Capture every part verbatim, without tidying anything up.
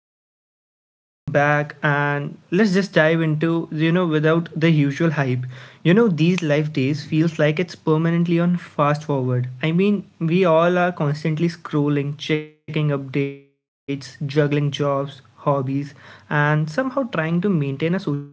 everyone, welcome back, and let's just dive into you know without the usual hype. You know, these life days feels like it's permanently on fast forward. I mean, we all are constantly scrolling, checking updates, juggling jobs, hobbies, and somehow trying to maintain a social life too.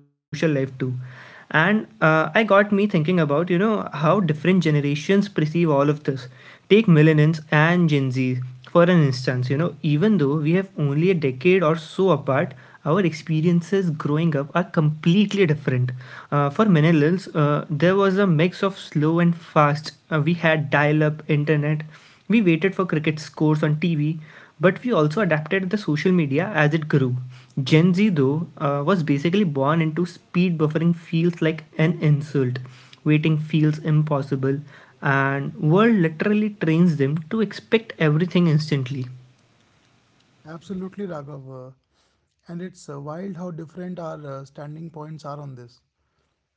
And uh, I got me thinking about you know how different generations perceive all of this. Take millennials and Gen Z for an instance, you know, even though we have only a decade or so apart, our experiences growing up are completely different. Uh, for millennials, uh, there was a mix of slow and fast. Uh, we had dial up internet, we waited for cricket scores on T V, but we also adapted the social media as it grew. Gen Z, though, uh, was basically born into speed buffering feels like an insult. Waiting feels impossible and world literally trains them to expect everything instantly. Absolutely, Raghav. uh, And it's uh, wild how different our uh, standing points are on this.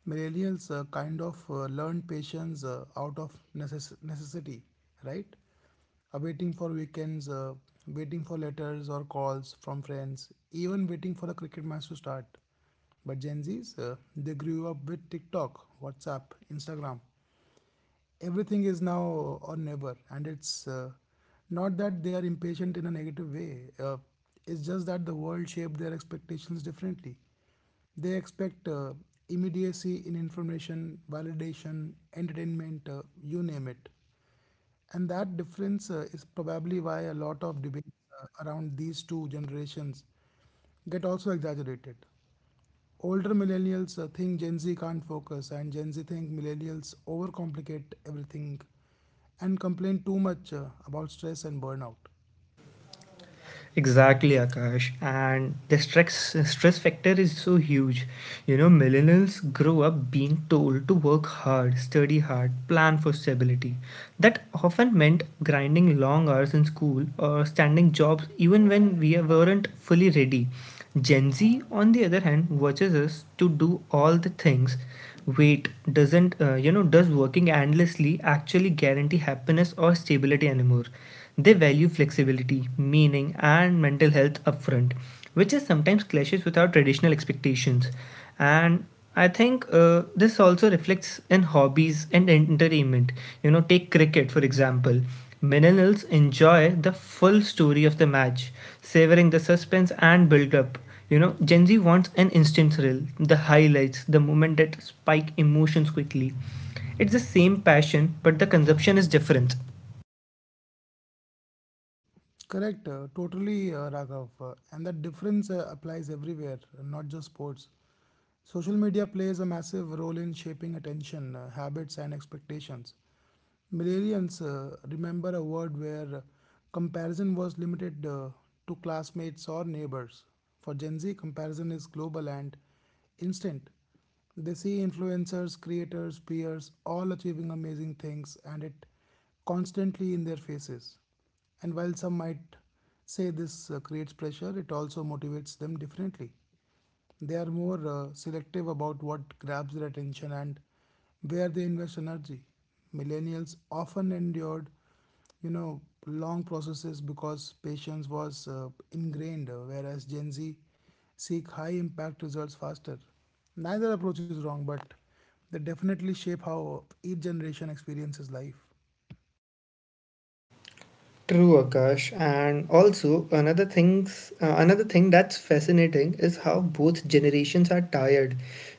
Millennials uh, kind of uh, learned patience uh, out of necess- necessity, right? Uh, waiting for weekends, uh, waiting for letters or calls from friends, even waiting for the cricket match to start. But Gen Zs, uh, they grew up with TikTok, WhatsApp, Instagram, everything is now or never, and it's uh, not that they are impatient in a negative way. Uh, it's just that the world shaped their expectations differently. They expect uh, immediacy in information, validation, entertainment, uh, you name it. And that difference uh, is probably why a lot of debates uh, around these two generations get also exaggerated. Older millennials uh, think Gen Z can't focus, and Gen Z think millennials overcomplicate everything and complain too much uh, about stress and burnout. Exactly, Akash. And the stress stress factor is so huge. You know, millennials grow up being told to work hard, study hard, plan for stability. That often meant grinding long hours in school or standing jobs even when we weren't fully ready. Gen Z, on the other hand, watches us to do all the things. Wait, doesn't uh, you know? Does working endlessly actually guarantee happiness or stability anymore? They value flexibility, meaning, and mental health upfront, which is sometimes clashes with our traditional expectations. And I think uh, this also reflects in hobbies and entertainment. You know, take cricket for example. Millennials enjoy the full story of the match, savoring the suspense and build up. You know, Gen Z wants an instant thrill, the highlights, the moment that spike emotions quickly. It's the same passion, but the consumption is different. Correct, uh, totally, uh, Raghav. Uh, and that difference uh, applies everywhere, not just sports. Social media plays a massive role in shaping attention, uh, habits, and expectations. Millennials uh, remember a world where uh, comparison was limited uh, to classmates or neighbors. For Gen Z, comparison is global and instant. They see influencers, creators, peers all achieving amazing things, and it constantly in their faces. And while some might say this uh, creates pressure, it also motivates them differently. They are more uh, selective about what grabs their attention and where they invest energy. Millennials often endured, you know, long processes because patience was uh, ingrained, uh, whereas Gen Z seek high impact results faster. Neither approach is wrong, but they definitely shape how each generation experiences life. True, Akash, and also another things uh, another thing that's fascinating is how both generations are tired,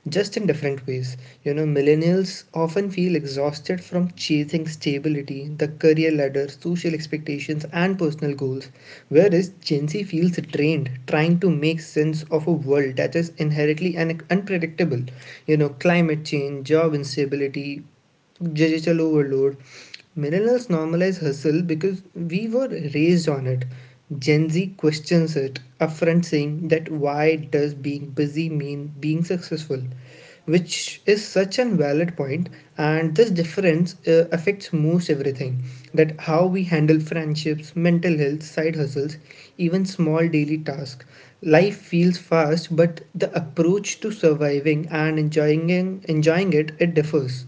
just in different ways. You know, millennials often feel exhausted from chasing stability, the career ladder, social expectations, and personal goals, whereas Gen Z feels drained trying to make sense of a world that is inherently un- unpredictable. You know, climate change, job instability, digital overload. Millennials normalize hustle because we were raised on it. Gen Z questions it, upfront saying that why does being busy mean being successful? Which is such an valid point, and this difference uh, affects most everything that how we handle friendships, mental health, side hustles, even small daily tasks. Life feels fast, but the approach to surviving and enjoying enjoying it it differs.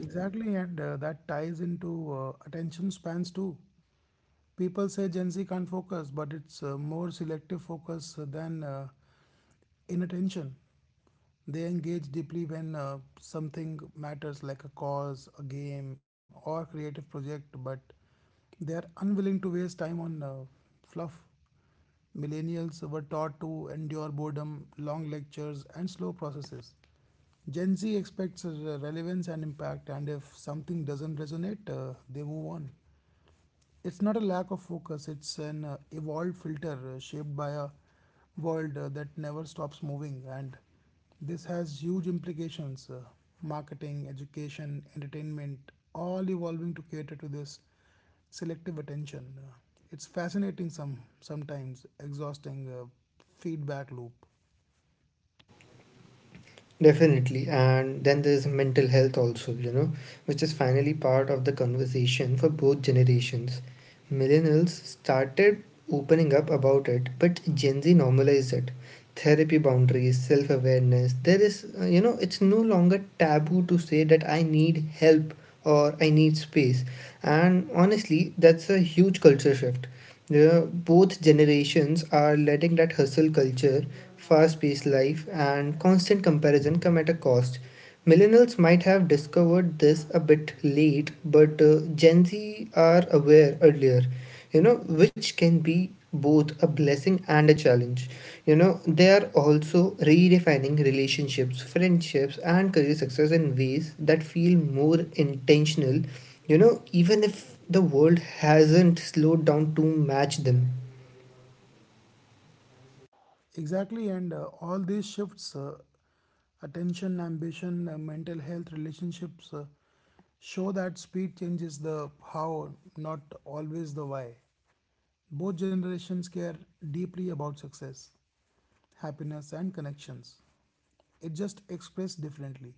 Exactly, and uh, that ties into uh, attention spans too. People say Gen Z can't focus, but it's uh, more selective focus than uh, inattention. They engage deeply when uh, something matters, like a cause, a game, or creative project, but they are unwilling to waste time on uh, fluff. Millennials were taught to endure boredom, long lectures, and slow processes. Gen Z expects uh, relevance and impact, and if something doesn't resonate, uh, they move on. It's not a lack of focus, it's an uh, evolved filter uh, shaped by a world uh, that never stops moving. And this has huge implications: uh, marketing, education, entertainment, all evolving to cater to this selective attention. Uh, it's fascinating, some sometimes exhausting uh, feedback loop. Definitely. And then there's mental health also, you know, which is finally part of the conversation for both generations. Millennials started opening up about it, but Gen Z normalized it. Therapy boundaries, self awareness. There is, uh, you know, it's no longer taboo to say that I need help or I need space. And honestly, that's a huge culture shift. Yeah, both generations are letting that hustle culture, fast paced life, and constant comparison come at a cost. Millennials might have discovered this a bit late, but uh, Gen Z are aware earlier, you know, which can be both a blessing and a challenge. You know, they are also redefining relationships, friendships, and career success in ways that feel more intentional. You know, even if the world hasn't slowed down to match them. Exactly, and uh, all these shifts, uh, attention, ambition, uh, mental health, relationships, uh, show that speed changes the how, not always the why. Both generations care deeply about success, happiness, and connections. It just expressed differently.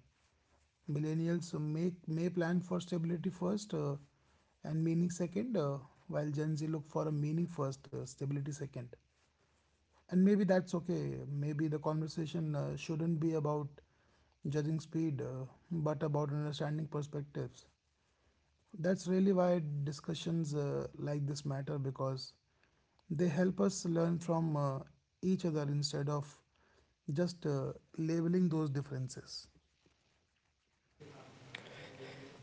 Millennials make may plan for stability first uh, and meaning second, uh, while Gen Z look for a meaning first, uh, stability second, and maybe that's okay. Maybe the conversation uh, shouldn't be about judging speed, uh, but about understanding perspectives. That's really why discussions uh, like this matter, because they help us learn from uh, each other instead of just uh, labeling those differences.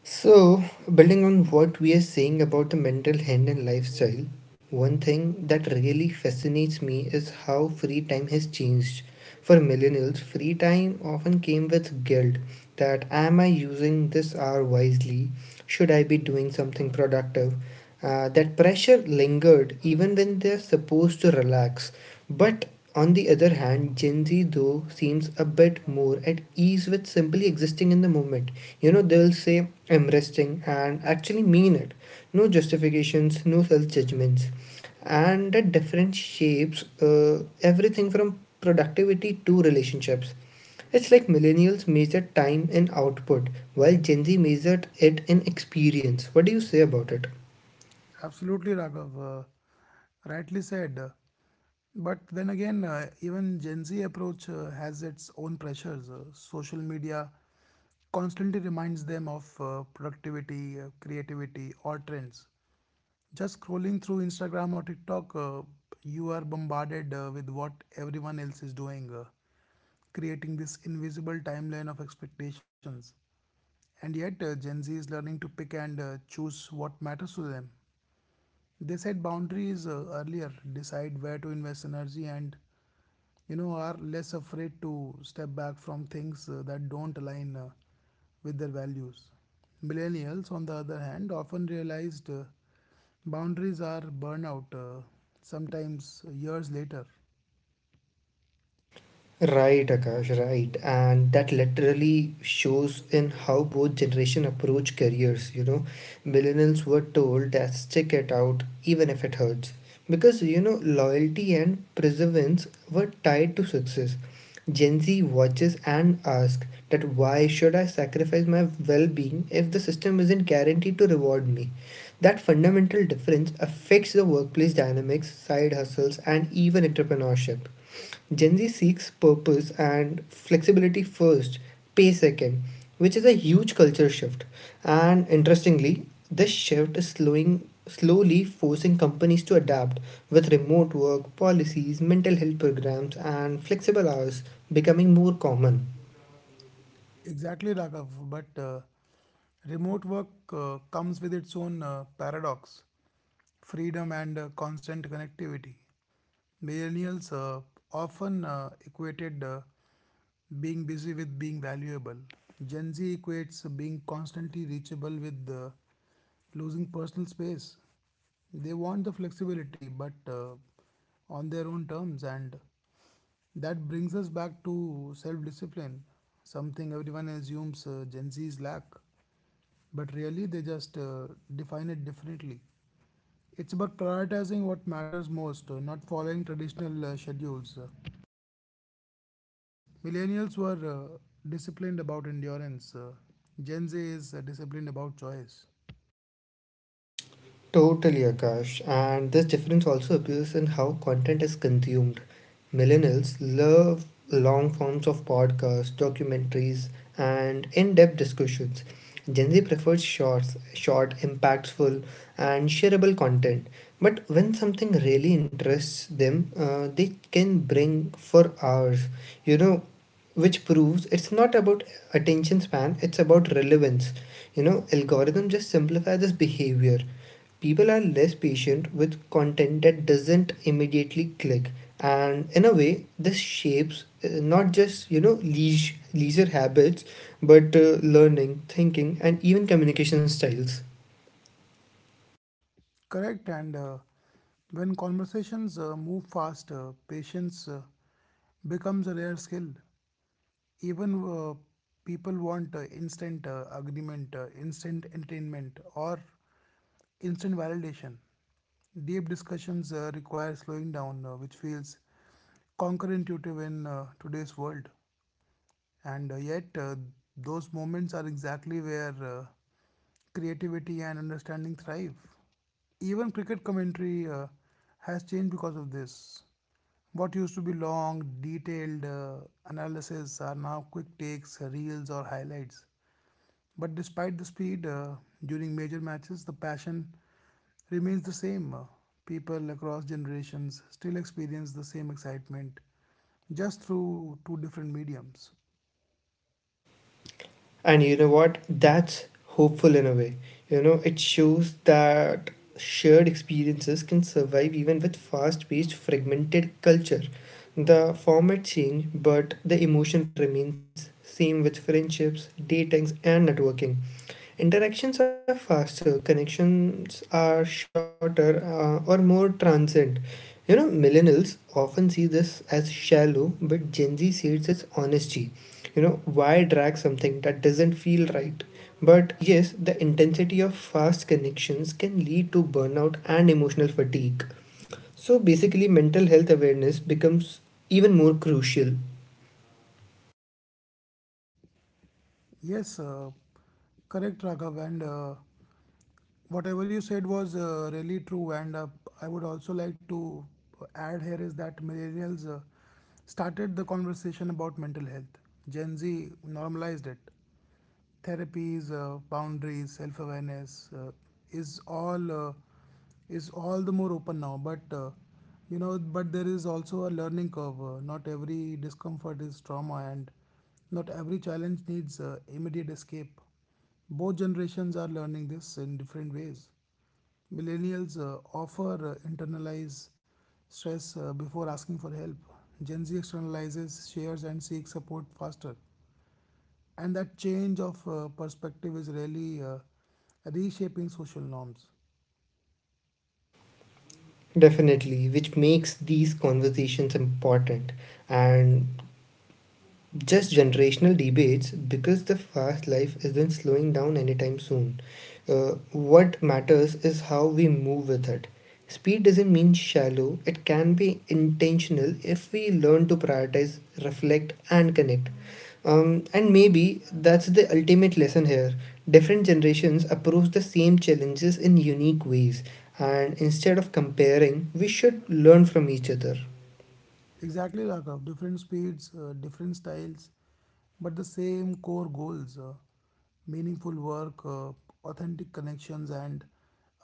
So, building on what we are saying about the mental health and lifestyle, one thing that really fascinates me is how free time has changed. For millennials, free time often came with guilt that am I using this hour wisely? Should I be doing something productive? Uh, that pressure lingered even when they're supposed to relax. But on the other hand, Gen Z though seems a bit more at ease with simply existing in the moment. You know, they'll say, I'm resting, and actually mean it. No justifications, no self judgments. And that difference shapes uh, everything from productivity to relationships. It's like millennials measure time in output, while Gen Z measured it in experience. What do you say about it? Absolutely, Raghav. Uh, rightly said. But then again, uh, even Gen Z approach uh, has its own pressures. Uh, social media constantly reminds them of uh, productivity, uh, creativity, or trends. Just scrolling through Instagram or TikTok, uh, you are bombarded uh, with what everyone else is doing, uh, creating this invisible timeline of expectations. And yet, uh, Gen Z is learning to pick and uh, choose what matters to them. They set boundaries uh, earlier, decide where to invest energy, and you know are less afraid to step back from things uh, that don't align uh, with their values. Millennials, on the other hand, often realized uh, boundaries are burnout, uh, sometimes years later. Right, Akash, right. And that literally shows in how both generation approach careers, you know. Millennials were told that stick it out even if it hurts. Because you know, loyalty and perseverance were tied to success. Gen Z watches and asks that why should I sacrifice my well-being if the system isn't guaranteed to reward me? That fundamental difference affects the workplace dynamics, side hustles, and even entrepreneurship. Gen Z seeks purpose and flexibility first, pay second, which is a huge culture shift. And interestingly, this shift is slowing slowly forcing companies to adapt with remote work policies, mental health programs and flexible hours becoming more common. Exactly, Raghav. But uh, remote work uh, comes with its own uh, paradox: freedom and uh, constant connectivity. Millennials uh, often uh, equated uh, being busy with being valuable. Gen Z equates being constantly reachable with uh, losing personal space. They want the flexibility, but uh, on their own terms, and that brings us back to self discipline, something everyone assumes uh, Gen Z's lack, but really they just uh, define it differently. It's about prioritizing what matters most, uh, not following traditional uh, schedules. Uh, Millennials were uh, disciplined about endurance. Uh, Gen Z is uh, disciplined about choice. Totally, Akash. And this difference also appears in how content is consumed. Millennials love long forms of podcasts, documentaries, and in depth discussions. Gen Z prefers shorts, short, impactful, and shareable content. But when something really interests them, uh, they can bring for hours. You know, which proves it's not about attention span, it's about relevance. You know, algorithms just simplify this behavior people are less patient with content that doesn't immediately click, and in a way this shapes uh, not just you know leisure, leisure habits but uh, learning thinking and even communication styles. Correct. And uh, when conversations uh, move fast, uh, patience uh, becomes a rare skill. Even uh, people want uh, instant uh, agreement, uh, instant entertainment, or instant validation. Deep discussions uh, require slowing down, uh, which feels counterintuitive in uh, today's world. And uh, yet, uh, those moments are exactly where uh, creativity and understanding thrive. Even cricket commentary uh, has changed because of this. What used to be long, detailed uh, analysis are now quick takes, reels, or highlights. But despite the speed, uh, during major matches, the passion remains the same. Uh, People across generations still experience the same excitement, just through two different mediums. And you know what, that's hopeful in a way. You know, it shows that shared experiences can survive even with fast-paced fragmented culture. The format change but the emotion remains same with friendships datings and networking interactions are faster, connections are shorter, uh, or more transient. You know millennials often see this as shallow, but Gen Z sees it as honesty. You know why drag something that doesn't feel right, but yes the intensity of fast connections can lead to burnout and emotional fatigue. So basically mental health awareness becomes even more crucial. Yes, uh, correct, Raghav. And uh, whatever you said was uh, really true. And uh, I would also like to add here is that millennials uh, started the conversation about mental health, Gen Z normalized it. Therapies, uh, boundaries, self-awareness uh, is all uh, is all the more open now. But uh, you know, but there is also a learning curve. Uh, not every discomfort is trauma, and not every challenge needs uh, immediate escape. Both generations are learning this in different ways. Millennials uh, offer uh, internalize stress uh, before asking for help. Gen Z externalizes, shares, and seeks support faster. And that change of uh, perspective is really uh, reshaping social norms. Definitely, which makes these conversations important. And just generational debates because the fast life isn't slowing down anytime soon. Uh, what matters is how we move with it. Speed doesn't mean shallow, it can be intentional if we learn to prioritize, reflect, and connect. Um, and maybe that's the ultimate lesson here. Different generations approach the same challenges in unique ways, and instead of comparing, we should learn from each other. Exactly, Raghav. Different speeds, uh, different styles, but the same core goals: uh, meaningful work, uh, authentic connections, and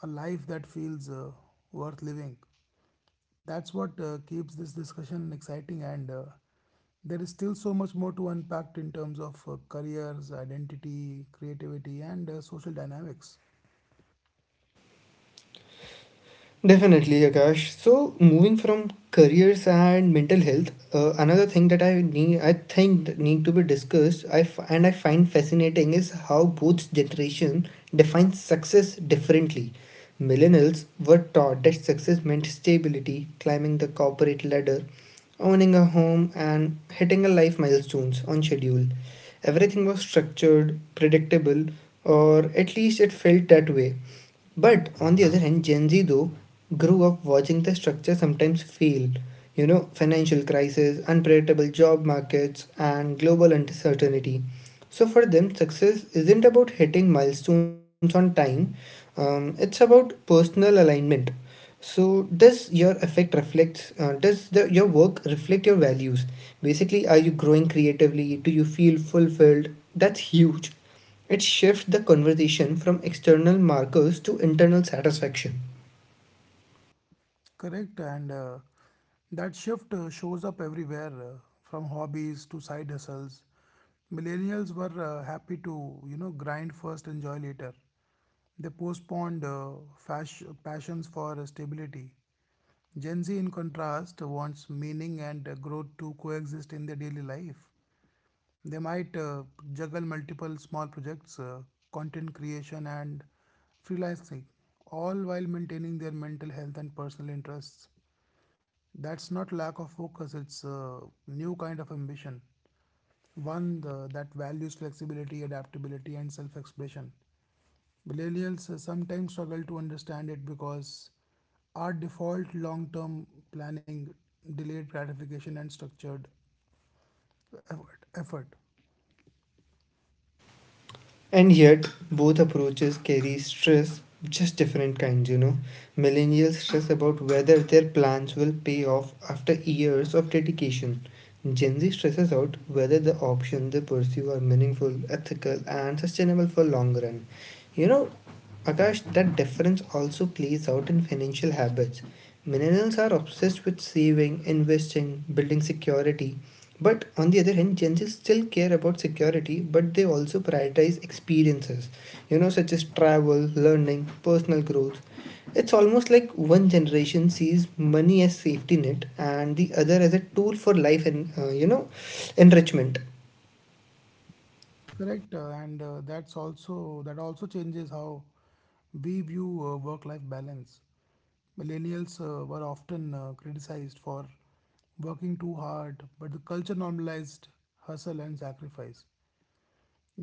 a life that feels uh, worth living. That's what uh, keeps this discussion exciting, and uh, there is still so much more to unpack in terms of uh, careers, identity, creativity, and uh, social dynamics. Definitely, Akash. So, moving from careers and mental health, uh, another thing that I need, I think that need to be discussed. I f- and I find fascinating is how both generation defines success differently. Millennials were taught that success meant stability, climbing the corporate ladder, owning a home, and hitting a life milestones on schedule. Everything was structured, predictable, or at least it felt that way. But on the other hand, Gen Z though grew up watching the structure sometimes fail. You know, financial crisis, unpredictable job markets, and global uncertainty. So for them, success isn't about hitting milestones on time. Um, it's about personal alignment. So does your effect reflects? Uh, does the, your work reflect your values? Basically, are you growing creatively? Do you feel fulfilled? That's huge, it shifts the conversation from external markers to internal satisfaction. Correct, and uh, that shift uh, shows up everywhere, uh, from hobbies to side hustles. Millennials were uh, happy to, you know, grind first, enjoy later. They postponed uh, fash- passions for uh, stability. Gen Z, in contrast, wants meaning and uh, growth to coexist in their daily life. They might uh, juggle multiple small projects, uh, content creation, and freelancing, all while maintaining their mental health and personal interests. That's not lack of focus, it's a new kind of ambition. One the, that values flexibility, adaptability, and self expression. Millennials uh, sometimes struggle to understand it because our default long term planning, delayed gratification, and structured effort. effort. And yet, both approaches carry stress, just different kinds, you know. Millennials stress about whether their plans will pay off after years of dedication. Gen Z stresses out whether the options they pursue are meaningful, ethical, and sustainable for long run. You know, Akash, that difference also plays out in financial habits. Millennials are obsessed with saving, investing, building security. But on the other hand, Gen Z still care about security, but they also prioritize experiences, you know, such as travel, learning, personal growth. It's almost like one generation sees money as safety net and the other as a tool for life and uh, you know, enrichment. Correct, uh, and uh, that's also that also changes how we view uh, work life balance. Millennials uh, were often uh, criticized for working too hard, but the culture normalized hustle and sacrifice.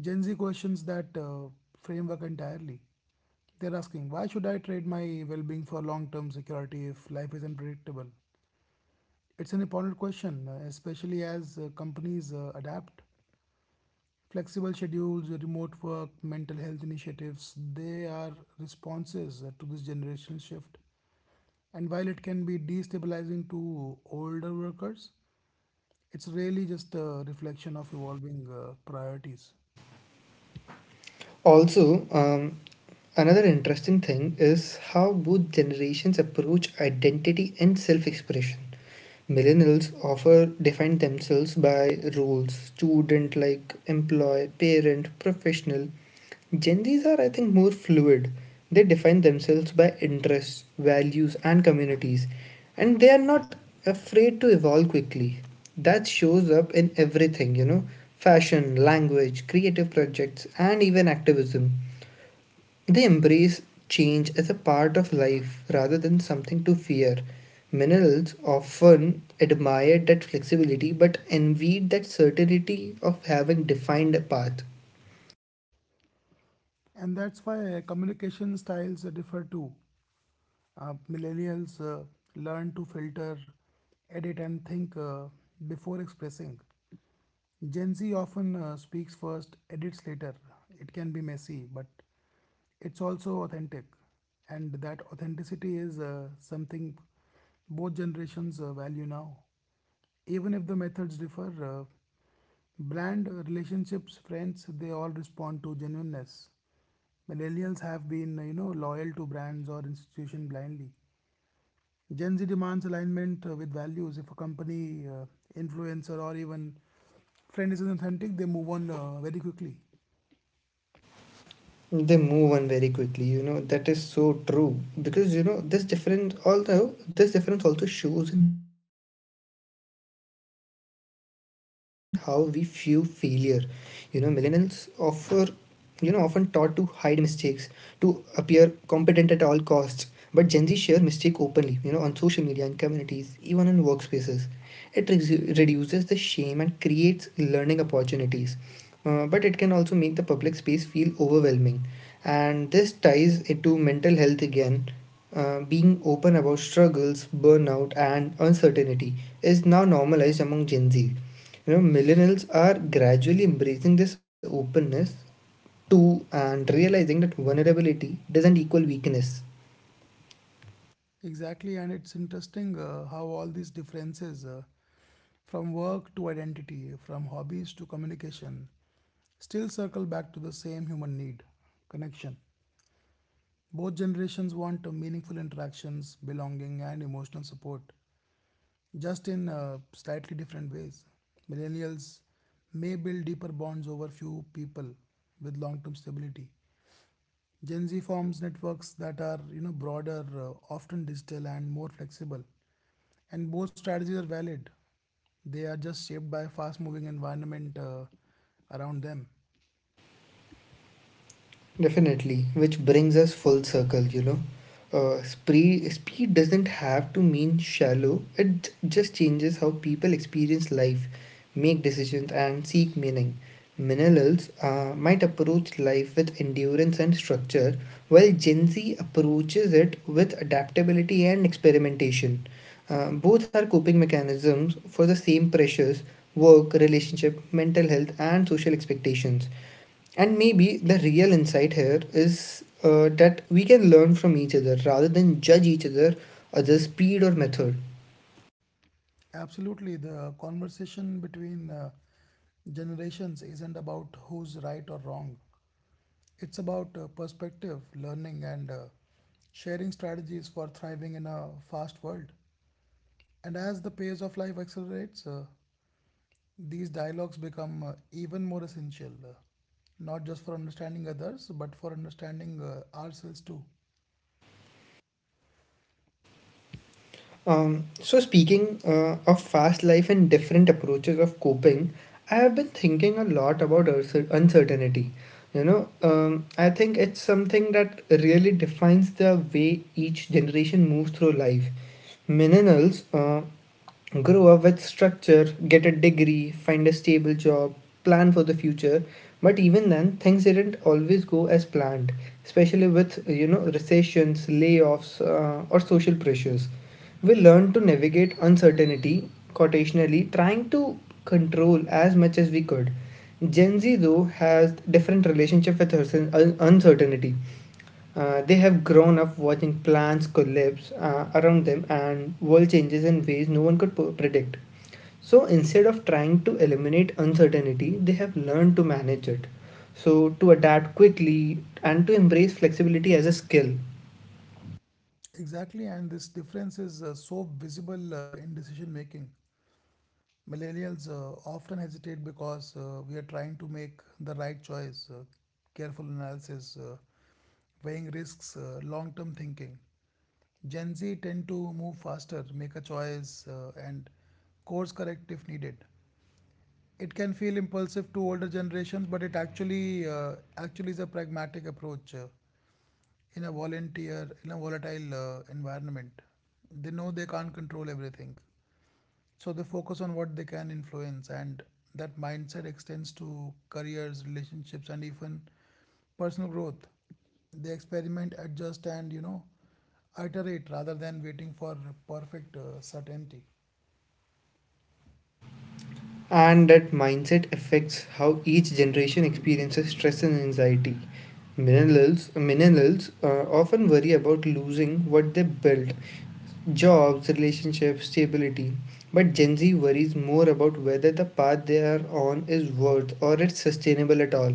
Gen Z questions that uh, framework entirely. They're asking, why should I trade my well being for long term security if life is unpredictable? It's an important question, uh, especially as uh, companies uh, adapt. Flexible schedules, remote work, mental health initiatives, they are responses uh, to this generational shift. And while it can be destabilizing to older workers, it's really just a reflection of evolving uh, priorities. Also, um, another interesting thing is how both generations approach identity and self-expression. Millennials often define themselves by roles student, like employee, parent, professional. Gen Zs are, I think, more fluid. They define themselves by interests, values, and communities. And they are not afraid to evolve quickly. That shows up in everything, you know fashion, language, creative projects, and even activism. They embrace change as a part of life rather than something to fear. Millennials often admired that flexibility but envied that certainty of having defined a path. And that's why communication styles differ too. Uh, millennials uh, learn to filter, edit, and think uh, before expressing. Gen Z often uh, speaks first, edits later. It can be messy, but it's also authentic. And that authenticity is uh, something both generations uh, value now. Even if the methods differ, uh, brand uh, relationships, friends, they all respond to genuineness. Millennials have been, you know, loyal to brands or institution blindly. Gen Z demands alignment uh, with values. If a company, uh, influencer, or even friend is authentic, they move on uh, very quickly. They move on very quickly, you know, that is so true. Because you know, this difference although this difference also shows in how we view failure. You know, millennials offer you know often taught to hide mistakes to appear competent at all costs, but Gen Z shares mistake openly, you know, on social media in communities even in workspaces. It re- reduces the shame and creates learning opportunities, uh, but it can also make the public space feel overwhelming. And this ties into mental health again. Uh, being open about struggles, burnout, and uncertainty is now normalized among Gen Z. You know, millennials are gradually embracing this openness too and realizing that vulnerability doesn't equal weakness. Exactly, and it's interesting uh, how all these differences, uh, from work to identity, from hobbies to communication, still circle back to the same human need: connection. Both generations want uh, meaningful interactions, belonging, and emotional support, just in uh, slightly different ways. Millennials may build deeper bonds over few people with long-term stability. Gen Z forms networks that are you know broader, uh, often digital and more flexible. And both strategies are valid. They are just shaped by fast-moving environment uh, around them. Definitely, which brings us full circle, you know. Uh, spree, speed doesn't have to mean shallow. It just changes how people experience life, make decisions, and seek meaning. Millennials uh, might approach life with endurance and structure, while Gen Z approaches it with adaptability and experimentation. Uh, both are coping mechanisms for the same pressures: work, relationship, mental health, and social expectations. And maybe the real insight here is uh, that we can learn from each other rather than judge each other, other's speed or method. Absolutely, the conversation between uh, generations isn't about who's right or wrong. It's about uh, perspective, learning, and uh, sharing strategies for thriving in a fast world. And as the pace of life accelerates, uh, these dialogues become uh, even more essential, uh, not just for understanding others, but for understanding uh, ourselves too. Um, so, speaking uh, of fast life and different approaches of coping, I have been thinking a lot about uncer- uncertainty. You know, um, I think it's something that really defines the way each generation moves through life. Millennials uh, grow up with structure, get a degree, find a stable job, plan for the future. But even then, things didn't always go as planned, especially with you know recessions, layoffs, uh, or social pressures. We learned to navigate uncertainty, quotationally, trying to control as much as we could. Gen Z though has different relationship with her- un- uncertainty. Uh, they have grown up watching plants collapse uh, around them and world changes in ways no one could p- predict. So instead of trying to eliminate uncertainty, they have learned to manage it. So to adapt quickly and to embrace flexibility as a skill. Exactly, and this difference is uh, so visible uh, in decision making. Millennials uh, often hesitate because uh, we are trying to make the right choice, uh, careful analysis, uh, weighing risks, uh, long term thinking. Gen Z tend to move faster, make a choice, uh, and course correct if needed. It can feel impulsive to older generations, but it actually uh, actually is a pragmatic approach uh, in a volunteer in a volatile uh, environment. They know they can't control everything. So they focus on what they can influence, and that mindset extends to careers, relationships, and even personal growth. They experiment, adjust, and you know, iterate rather than waiting for perfect uh, certainty. And that mindset affects how each generation experiences stress and anxiety. Millennials, millennials uh, often worry about losing what they built: jobs, relationships, stability. But Gen Z worries more about whether the path they are on is worth or it's sustainable at all.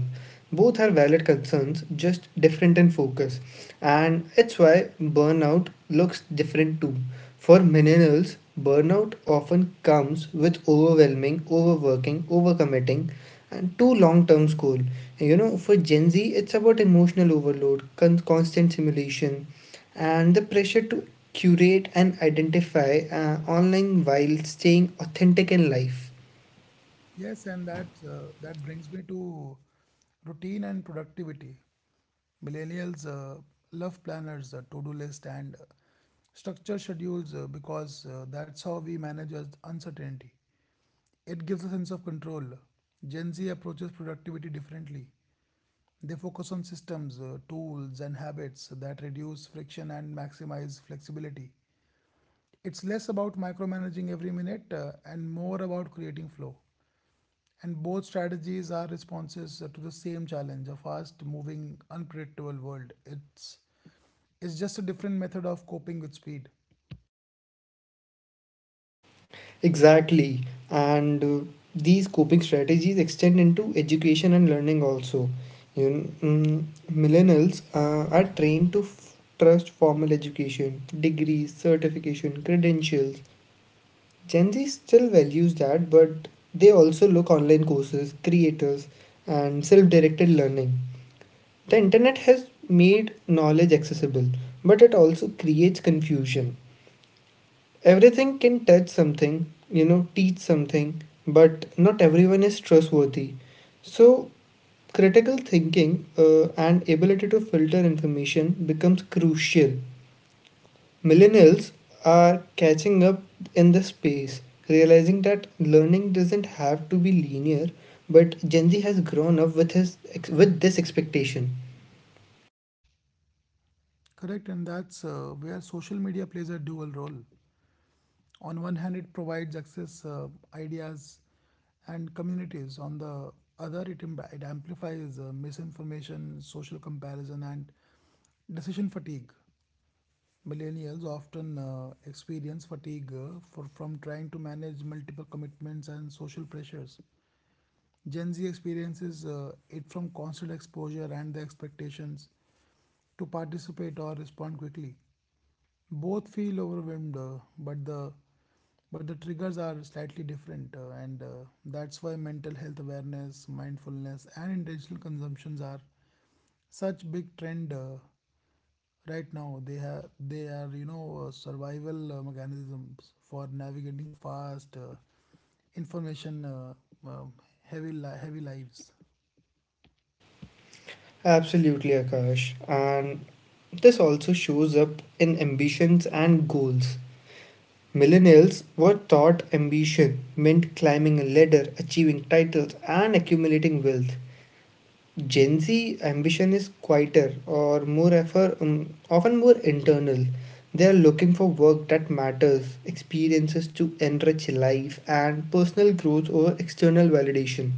Both are valid concerns, just different in focus, and it's why burnout looks different too. For millennials, burnout often comes with overwhelming, overworking, overcommitting, and too long-term goal. You know, for Gen Z, it's about emotional overload, con- constant simulation, and the pressure to curate and identify uh, online while staying authentic in life. Yes, and that uh, that brings me to routine and productivity. Millennials uh, love planners, uh, to-do list, and uh, structure schedules uh, because uh, that's how we manage us- uncertainty. It gives a sense of control. Gen Z approaches productivity differently. They focus on systems, uh, tools, and habits that reduce friction and maximize flexibility. It's less about micromanaging every minute uh, and more about creating flow. And both strategies are responses uh, to the same challenge, a fast moving, unpredictable world. It's, it's just a different method of coping with speed. Exactly. And uh, these coping strategies extend into education and learning also. You know, mm, millennials uh, are trained to f- trust formal education, degrees, certification, credentials. Gen Z still values that, but they also look online courses, creators, and self-directed learning. The internet has made knowledge accessible, but it also creates confusion. Everything can touch something, you know, teach something, but not everyone is trustworthy. So, critical thinking uh, and ability to filter information becomes crucial. Millennials are catching up in the space, realizing that learning doesn't have to be linear, but Gen Z has grown up with his ex- with this expectation. Correct, and that's uh, where social media plays a dual role. On one hand it provides access, uh, ideas and communities. On the other, it, im- it amplifies uh, misinformation, social comparison, and decision fatigue. Millennials often uh, experience fatigue, uh, for, from trying to manage multiple commitments and social pressures. Gen Z experiences uh, it from constant exposure and the expectations to participate or respond quickly. Both feel overwhelmed, uh, but the but the triggers are slightly different, uh, and uh, that's why mental health awareness, mindfulness, and intentional consumptions are such big trend uh, right now. They have they are, you know uh, survival uh, mechanisms for navigating fast uh, information, uh, uh, heavy li- heavy lives, Absolutely, Akash, and this also shows up in ambitions and goals. Millennials were taught ambition meant climbing a ladder, achieving titles, and accumulating wealth. Gen Z ambition is quieter or more effort, um, often more internal. They are looking for work that matters, experiences to enrich life, and personal growth over external validation.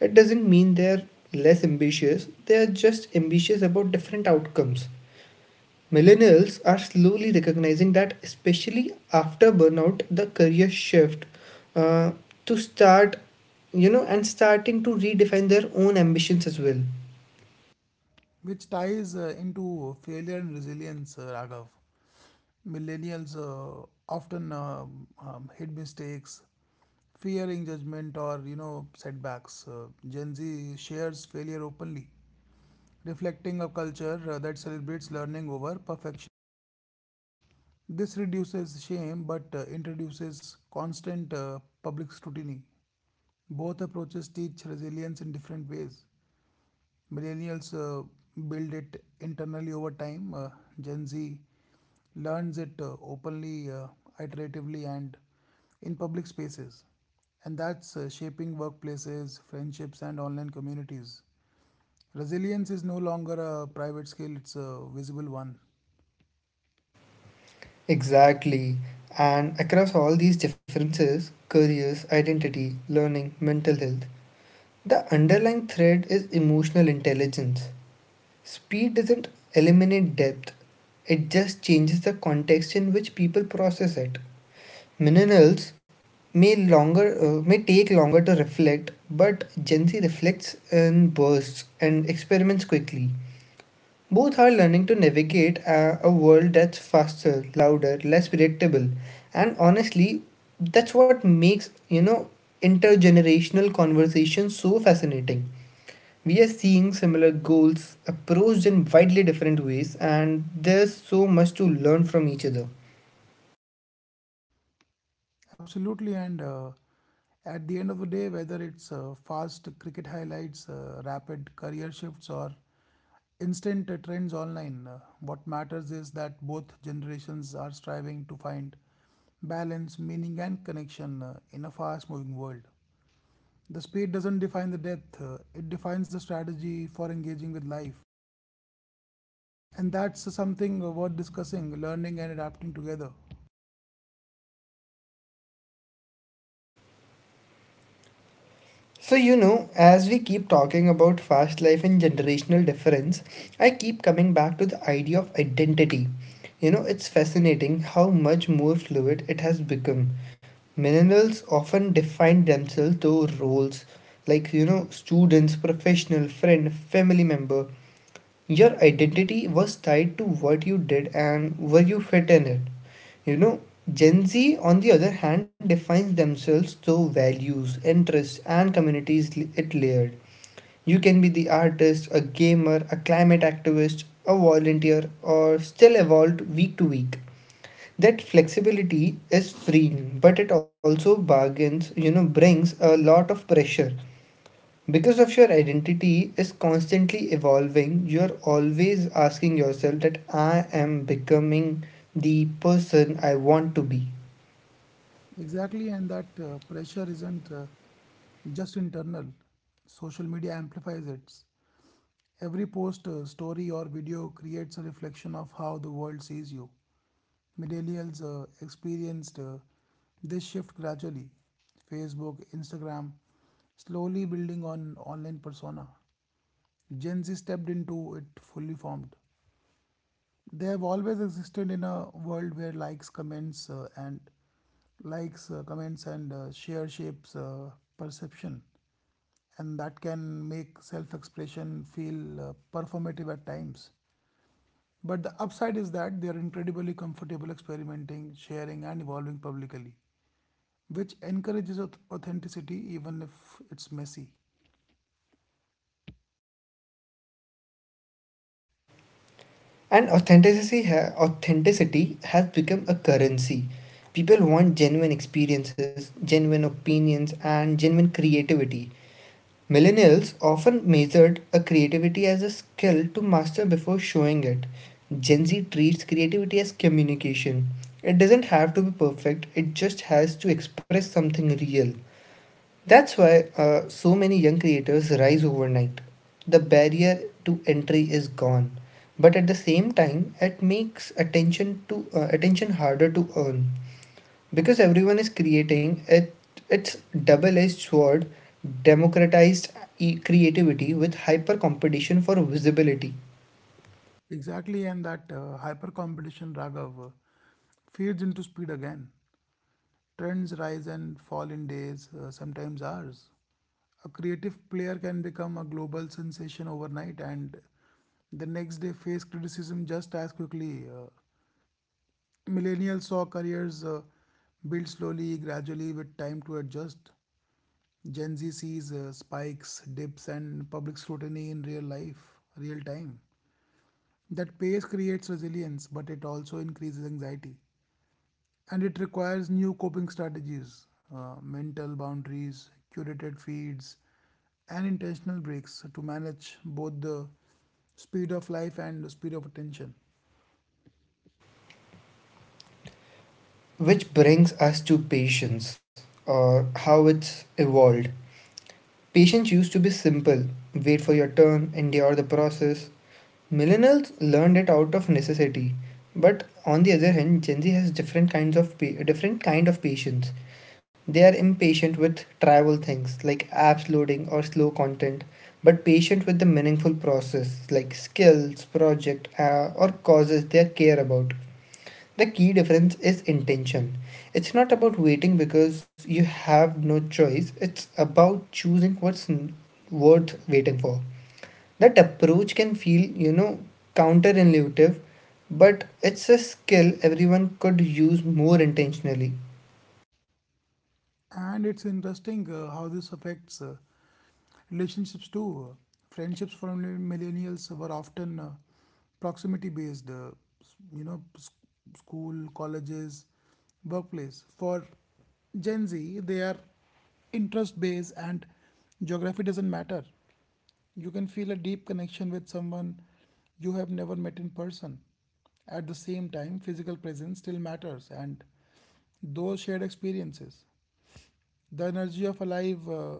It doesn't mean they are less ambitious, they are just ambitious about different outcomes. Millennials are slowly recognizing that, especially after burnout, the career shift uh, to start, you know, and starting to redefine their own ambitions as well. which ties uh, into failure and resilience, uh, Raghav. Millennials uh, often um, um, hit mistakes fearing judgment or you know setbacks. Uh, gen Z shares failure openly, reflecting a culture uh, that celebrates learning over perfection. This reduces shame but uh, introduces constant uh, public scrutiny. Both approaches teach resilience in different ways. Millennials uh, build it internally over time. Uh, Gen Z learns it uh, openly, uh, iteratively, and in public spaces. And that's uh, shaping workplaces, friendships, and online communities. Resilience is no longer a private skill, it's a visible one. Exactly. And across all these differences, careers, identity, learning, mental health, the underlying thread is emotional intelligence. Speed doesn't eliminate depth, it just changes the context in which people process it. Millennials may longer uh, may take longer to reflect, but Gen Z reflects in bursts and experiments quickly. Both are learning to navigate a, a world that's faster, louder, less predictable, and honestly, that's what makes you know intergenerational conversations so fascinating. We are seeing similar goals approached in widely different ways, and there's so much to learn from each other. Absolutely, and uh, at the end of the day, whether it's uh, fast cricket highlights, uh, rapid career shifts, or instant uh, trends online, uh, what matters is that both generations are striving to find balance, meaning, and connection uh, in a fast moving world. The speed doesn't define the depth, uh, it defines the strategy for engaging with life. And that's something uh, worth discussing, learning, and adapting together. So, you know, as we keep talking about fast life and generational difference, I keep coming back to the idea of identity. You know, it's fascinating how much more fluid it has become. Millennials often define themselves through roles like, you know, students, professional, friend, family member. Your identity was tied to what you did and where you fit in it. You know, Gen Z, on the other hand, defines themselves through values, interests, and communities it layered. You can be the artist, a gamer, a climate activist, a volunteer, or still evolved week to week. That flexibility is freeing, but it also bargains, you know, brings a lot of pressure. Because of your identity is constantly evolving, you're always asking yourself that I am becoming the person I want to be. Exactly, and that uh, pressure isn't, uh, just internal. Social media amplifies it. Every post, uh, story, or video creates a reflection of how the world sees you. Millennials uh, experienced uh, this shift gradually. Facebook, Instagram, slowly building on online persona. Gen Z stepped into it fully formed. They have always existed in a world where likes, comments, uh, and likes, uh, comments, and uh, share shapes uh, perception, and that can make self-expression feel uh, performative at times. But the upside is that they are incredibly comfortable experimenting, sharing, and evolving publicly, which encourages auth- authenticity even if it's messy. And authenticity, ha- authenticity has become a currency. People want genuine experiences, genuine opinions, and genuine creativity. Millennials often measured a creativity as a skill to master before showing it. Gen Z treats creativity as communication. It doesn't have to be perfect, it just has to express something real. That's why uh, so many young creators rise overnight. The barrier to entry is gone, but at the same time, it makes attention to uh, attention harder to earn because everyone is creating it. It's double-edged sword, democratized e- creativity with hyper competition for visibility, Exactly, and that uh, hyper competition, Raghav, uh, feeds into speed again. Trends rise and fall in days, uh, sometimes hours. A creative player can become a global sensation overnight and the next day face criticism just as quickly. Uh, millennials saw careers uh, build slowly, gradually, with time to adjust. Gen Z sees uh, spikes, dips, and public scrutiny in real life, real time. That pace creates resilience, but it also increases anxiety. And it requires new coping strategies, uh, mental boundaries, curated feeds, and intentional breaks to manage both the speed of life and the speed of attention. which brings us to patience or how it's evolved. Patience used to be simple: wait for your turn, endure the process. Millennials learned it out of necessity, but on the other hand, Gen Z has different kinds of pa- different kind of patience. They are impatient with trivial things like apps loading or slow content, but patient with the meaningful process like skills, project, uh, or causes they care about. The key difference is intention. It's not about waiting because you have no choice. It's about choosing what's n- worth waiting for. That approach can feel, you know, counterintuitive, but it's a skill everyone could use more intentionally. And it's interesting uh, how this affects uh, relationships too. Friendships for millennials were often uh, proximity based, uh, s- you know, s- school, colleges, workplace. For Gen Z, they are interest based and geography doesn't matter. You can feel a deep connection with someone you have never met in person. At the same time, physical presence still matters and those shared experiences, the energy of a live uh,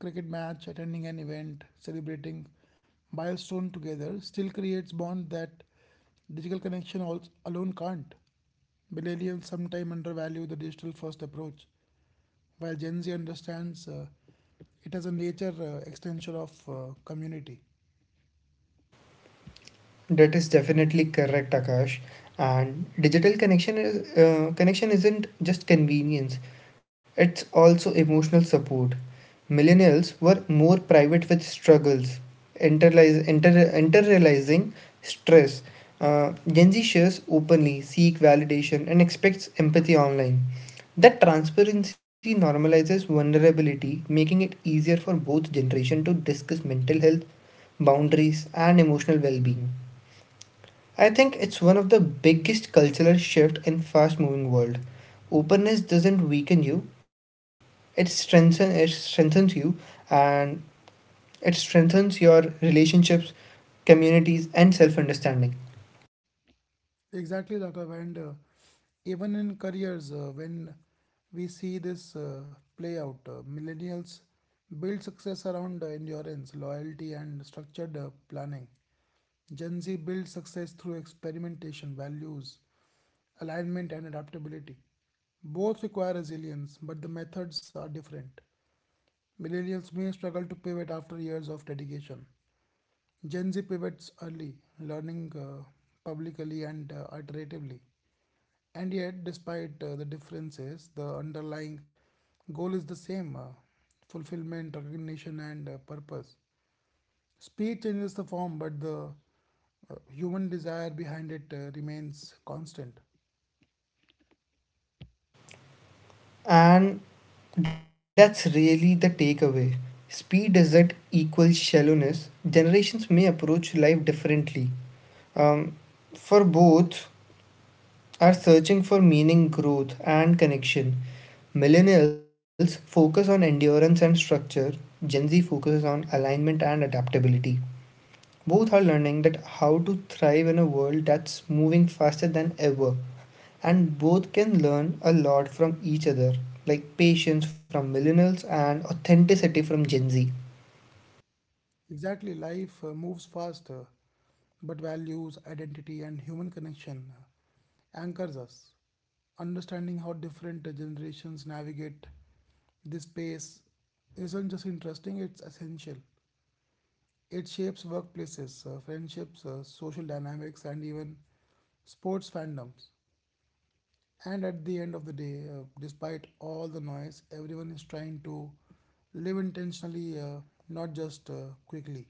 cricket match, attending an event, celebrating milestone together, still creates bond that digital connection al- alone can't. Millennials sometimes undervalue the digital first approach, while Gen Z understands uh, it as a nature uh, extension of uh, community. That is definitely correct, Akash. And digital connection is uh, connection isn't just convenience; it's also emotional support. Millennials were more private with struggles, internalize, inter, internalizing stress. Uh, Gen Z shares openly, seek validation, and expects empathy online. That transparency normalizes vulnerability, making it easier for both generation to discuss mental health, boundaries, and emotional well-being. I think it's one of the biggest cultural shift in fast moving world. Openness doesn't weaken you, it strengthens it strengthens you and it strengthens your relationships, communities and self-understanding. Exactly, Raghav. And uh, even in careers, uh, when we see this uh, play out, uh, millennials build success around uh, endurance, loyalty, and structured uh, planning. Gen Z builds success through experimentation, values, alignment, and adaptability. Both require resilience, but the methods are different. Millennials may struggle to pivot after years of dedication. Gen Z pivots early, learning uh, publicly and uh, iteratively. And yet, despite uh, the differences, the underlying goal is the same, uh, fulfillment, recognition, and uh, purpose. Speed changes the form, but the uh, human desire behind it uh, remains constant. And that's really the takeaway. Speed doesn't equal shallowness. Generations may approach life differently. Um, for both are searching for meaning, growth, and connection. Millennials focus on endurance and structure, Gen Z focuses on alignment and adaptability. Both are learning that how to thrive in a world that's moving faster than ever, and both can learn a lot from each other, like patience from millennials and authenticity from Gen Z. Exactly, life uh, moves fast, uh, but values, identity, and human connection uh, anchors us. Understanding how different uh, generations navigate this space isn't just interesting, it's essential. It shapes workplaces, uh, friendships, uh, social dynamics, and even sports fandoms. And at the end of the day, uh, despite all the noise, everyone is trying to live intentionally, uh, not just uh, quickly.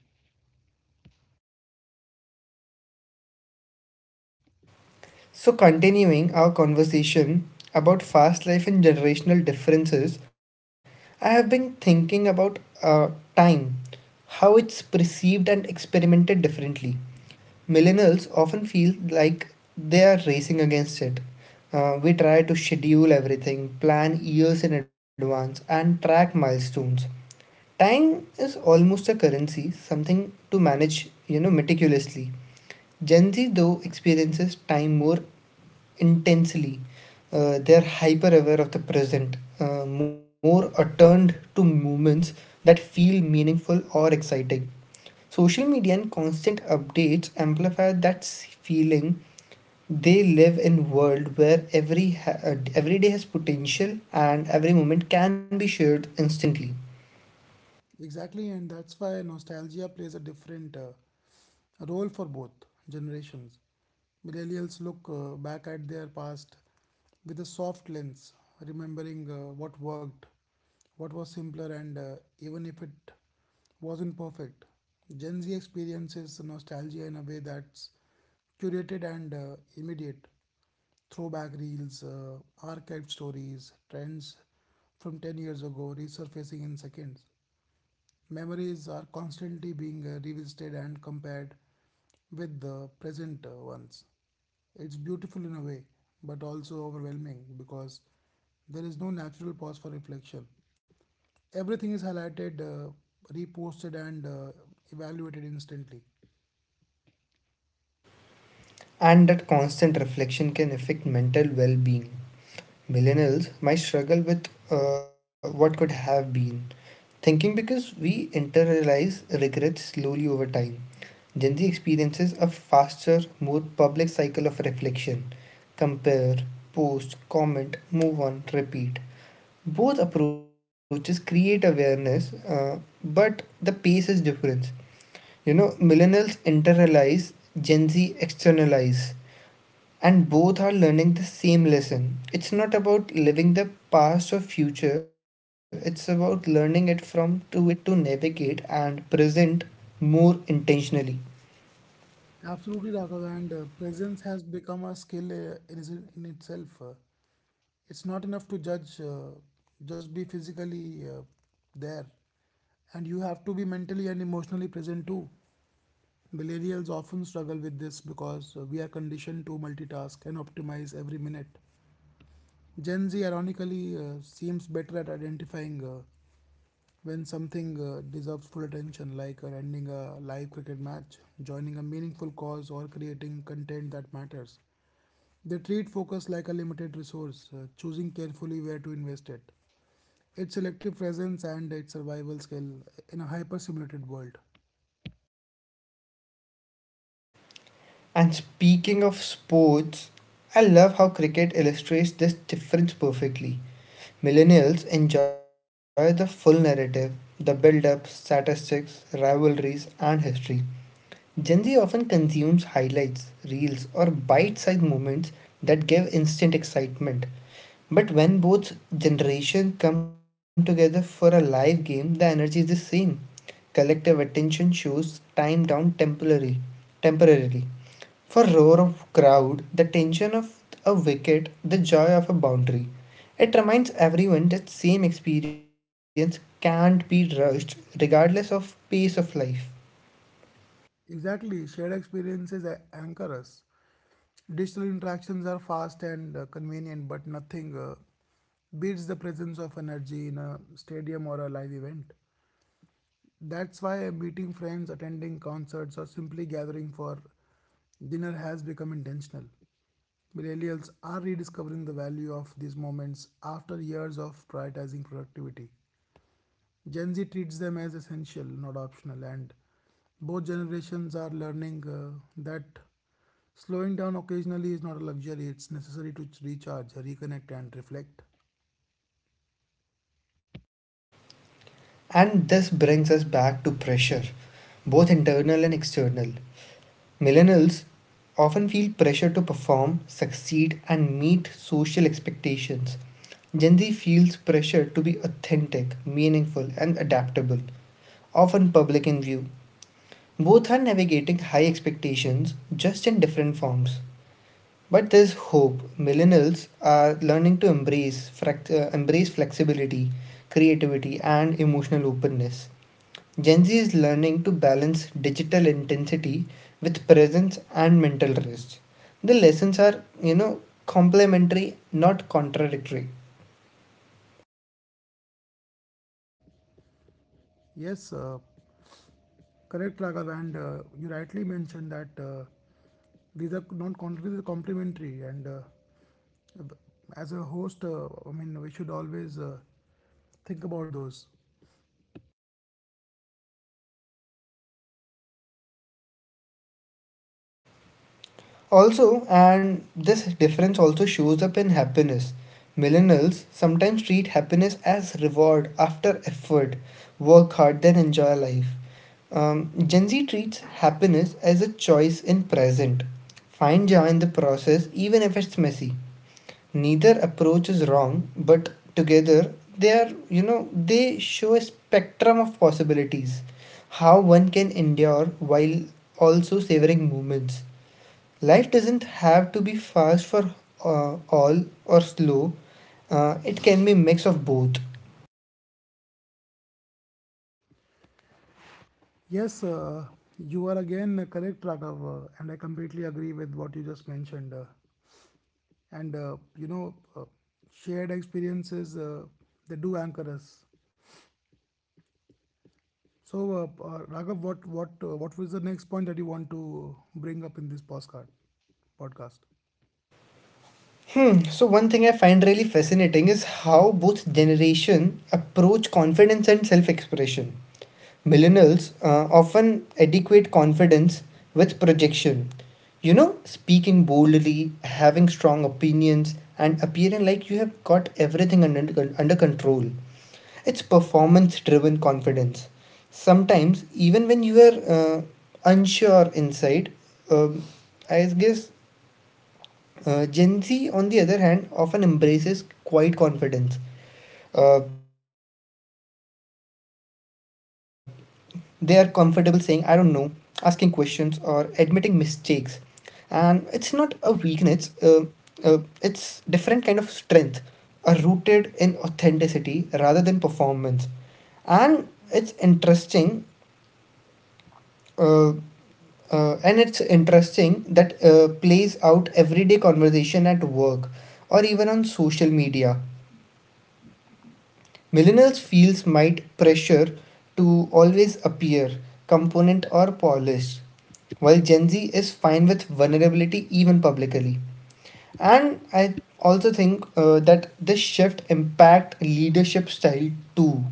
So, continuing our conversation about fast life and generational differences, I have been thinking about uh, time, how it's perceived and experimented differently. Millennials often feel like they are racing against it. Uh, we try to schedule everything, plan years in advance, and track milestones. Time is almost a currency, something to manage, you know, meticulously. Gen Z though experiences time more intensely. Uh, they are hyper aware of the present, uh, more attuned to moments that feel meaningful or exciting. Social media and constant updates amplify that feeling. They live in a world where every ha- uh, every day has potential and every moment can be shared instantly. Exactly, and that's why nostalgia plays a different uh, role for both generations. Millennials look uh, back at their past with a soft lens, remembering uh, what worked, what was simpler, and uh, even if it wasn't perfect. Gen Z experiences nostalgia in a way that's curated and uh, immediate. Throwback reels, uh, archived stories, trends from ten years ago resurfacing in seconds. Memories are constantly being uh, revisited and compared with the present uh, ones. It's beautiful in a way, but also overwhelming because there is no natural pause for reflection. Everything is highlighted, uh, reposted, and uh, evaluated instantly. And that constant reflection can affect mental well-being. Millennials might struggle with uh, what could have been thinking because we internalize regrets slowly over time. Gen Z experiences a faster, more public cycle of reflection: compare, post, comment, move on, repeat. Both approaches create awareness, uh, but the pace is different. You know, millennials internalize, Gen Z externalize, and both are learning the same lesson. It's not about living the past or future, it's about learning it from to it to navigate and present more intentionally. Absolutely, Raghav, and uh, presence has become a skill uh, in, is- in itself. Uh, it's not enough to judge, uh, just be physically uh, there. And you have to be mentally and emotionally present too. Millennials often struggle with this because uh, we are conditioned to multitask and optimize every minute. Gen Z, ironically, uh, seems better at identifying uh, when something uh, deserves full attention, like uh, ending a live cricket match, joining a meaningful cause, or creating content that matters. They treat focus like a limited resource, uh, choosing carefully where to invest it. Its selective presence and its survival skill in a hyper simulated world. And speaking of sports, I love how cricket illustrates this difference perfectly. Millennials enjoy the full narrative, the build up, statistics, rivalries, and history. Gen Z often consumes highlights, reels, or bite sized moments that give instant excitement. But when both generations come together for a live game, the energy is the same. Collective attention shows time down temporarily. temporarily. For roar of crowd, the tension of a wicket, the joy of a boundary. It reminds everyone that same experience can't be rushed regardless of pace of life. Exactly, shared experiences anchor us. Digital interactions are fast and uh, convenient, but nothing uh, beats the presence of energy in a stadium or a live event. That's why meeting friends, attending concerts, or simply gathering for dinner has become intentional. Millennials are rediscovering the value of these moments after years of prioritizing productivity. Gen Z treats them as essential, not optional, and both generations are learning uh, that slowing down occasionally is not a luxury, it's necessary to recharge, reconnect, and reflect. And this brings us back to pressure, both internal and external. Millennials often feel pressure to perform, succeed, and meet social expectations. Gen Z feels pressure to be authentic, meaningful, and adaptable, often public in view. Both are navigating high expectations just in different forms. But there's hope. Millennials are learning to embrace frac- uh, embrace flexibility, creativity, and emotional openness. Gen Z is learning to balance digital intensity with presence and mental rest. The lessons are, you know, complementary, not contradictory. Yes, uh, correct, Raghav. And uh, you rightly mentioned that uh, these are not contrary, these are complementary. And uh, as a host, uh, I mean, we should always uh, think about those. Also, and this difference also shows up in happiness. Millennials sometimes treat happiness as reward after effort, work hard, then enjoy life. Um, Gen Z treats happiness as a choice in present. Find joy in the process, even if it's messy. Neither approach is wrong, but together they are, you know, they show a spectrum of possibilities. How one can endure while also savoring moments. Life doesn't have to be fast for uh, all or slow. Uh, it can be mix of both. Yes, uh, you are again correct, Raghav, uh, and I completely agree with what you just mentioned. Uh, and uh, you know, uh, Shared experiences uh, they do anchor us. So, uh, uh, Raghav, what what uh, what was the next point that you want to bring up in this postcard podcast? Hmm. So one thing I find really fascinating is how both generation approach confidence and self-expression. Millennials uh, often adequate confidence with projection. You know, speaking boldly, having strong opinions, and appearing like you have got everything under under control. It's performance driven confidence. Sometimes, even when you are uh, unsure inside, um, I guess uh, Gen Z, on the other hand, often embraces quiet confidence. Uh, they are comfortable saying, I don't know, asking questions, or admitting mistakes. And it's not a weakness, uh, uh, it's different kind of strength are rooted in authenticity rather than performance and it's interesting uh, Uh, and it's interesting that uh, plays out everyday conversation at work or even on social media. Millennials feels might pressure to always appear component or polished, while Gen Z is fine with vulnerability even publicly. And I also think uh, that this shift impact leadership style too.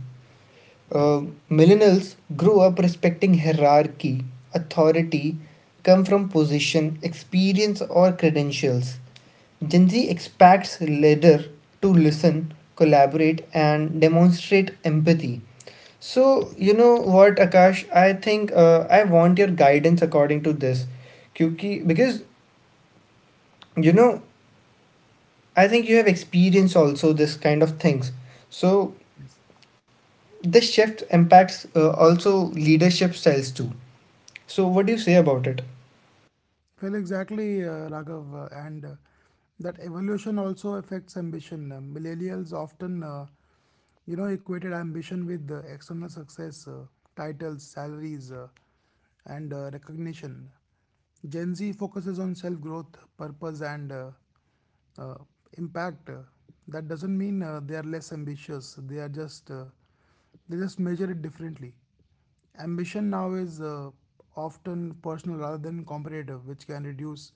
Uh, millennials grew up respecting hierarchy, authority, come from position, experience, or credentials. Gen Z expects leader to listen, collaborate, and demonstrate empathy. So you know what, Akash? I think uh, I want your guidance according to this, क्योंकि because you know I think you have experienced also this kind of things. So Yes. this shift impacts uh, also leadership styles too. So, what do you say about it? Well, exactly, uh, Raghav, uh, and uh, that evolution also affects ambition. Uh, millennials often, uh, you know, equated ambition with uh, external success, uh, titles, salaries, uh, and uh, recognition. Gen Z focuses on self growth, purpose, and uh, uh, impact. Uh, That doesn't mean uh, they are less ambitious. They are just uh, they just measure it differently. Ambition now is uh, often personal rather than competitive, which can reduce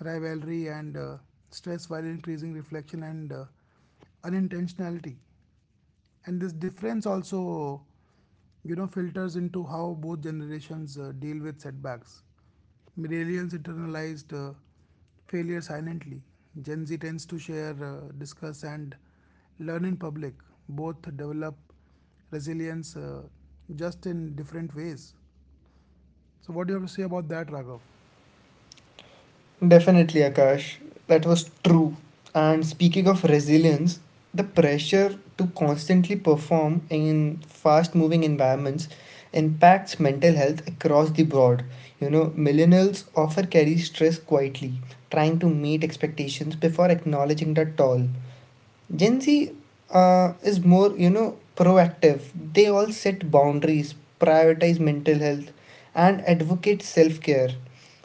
rivalry and uh, stress while increasing reflection and uh, unintentionality. And this difference also, you know, filters into how both generations uh, deal with setbacks. Millennials internalized uh, failure silently. Gen Z tends to share, uh, discuss, and learn in public. Both develop resilience, uh, just in different ways. So, what do you have to say about that, Raghav? Definitely, Akash, that was true. And speaking of resilience, the pressure to constantly perform in fast moving environments impacts mental health across the board. You know, millennials often carry stress quietly, trying to meet expectations before acknowledging the toll. Gen Z uh, is more, you know, proactive. They all set boundaries, prioritize mental health, and advocate self care.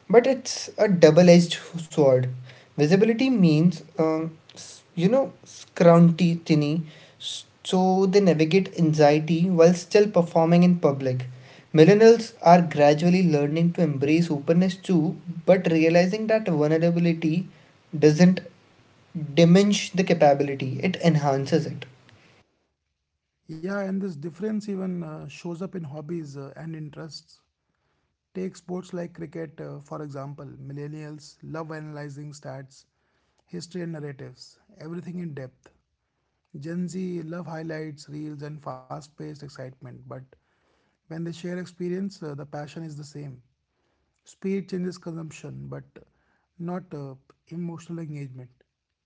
But it's a double edged sword. Visibility means, um, s- you know, scrunty tinny, s- so they navigate anxiety while still performing in public. Millennials are gradually learning to embrace openness too, but realizing that vulnerability doesn't diminish the capability, it enhances it. Yeah, and this difference even uh, shows up in hobbies uh, and interests. Take sports like cricket, uh, for example. Millennials love analyzing stats, history, and narratives, everything in depth. Gen Z love highlights, reels, and fast paced excitement, but when they share experience, uh, the passion is the same. Speed changes consumption, but not uh, emotional engagement.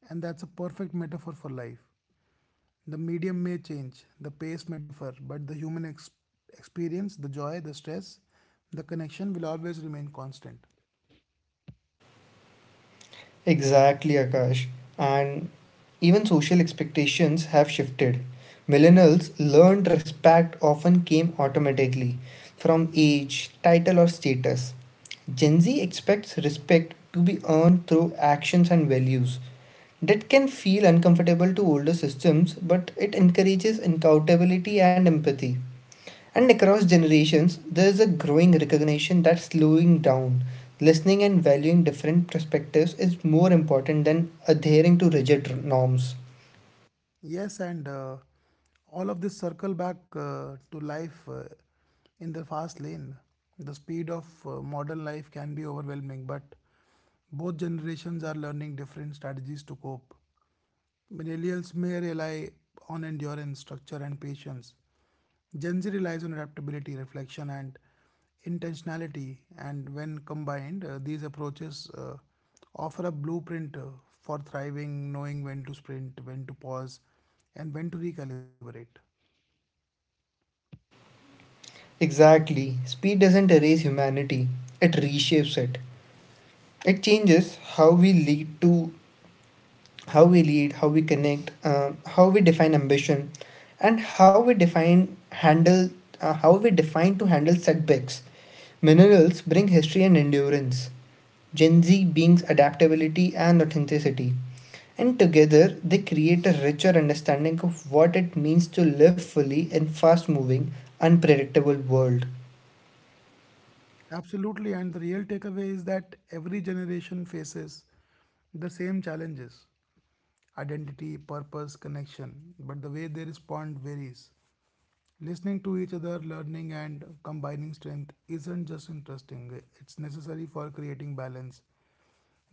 And that's a perfect metaphor for life. The medium may change, the pace may differ, but the human ex- experience, the joy, the stress, the connection will always remain constant. Exactly, Akash. And even social expectations have shifted. Millennials learned respect often came automatically from age, title, or status. Gen Z expects respect to be earned through actions and values. That can feel uncomfortable to older systems, but it encourages accountability and empathy. And across generations, there is a growing recognition that slowing down, listening, and valuing different perspectives is more important than adhering to rigid norms. Yes, and uh, all of this circle back uh, to life uh, in the fast lane. The speed of uh, modern life can be overwhelming, but both generations are learning different strategies to cope. Millennials may rely on endurance, structure, and patience. Gen Z relies on adaptability, reflection, and intentionality, and when combined, uh, these approaches uh, offer a blueprint uh, for thriving, knowing when to sprint, when to pause, and when to recalibrate. Exactly. Speed doesn't erase humanity, it reshapes it. It changes how we lead to how we lead, how we connect, um, how we define ambition, and how we define handle uh, how we define to handle setbacks. Minerals bring history and endurance. Gen Z beings adaptability and authenticity. And together, they create a richer understanding of what it means to live fully in fast moving, unpredictable world. Absolutely, and the real takeaway is that every generation faces the same challenges: identity, purpose, connection, but the way they respond varies. Listening to each other, learning, and combining strength isn't just interesting, it's necessary for creating balance,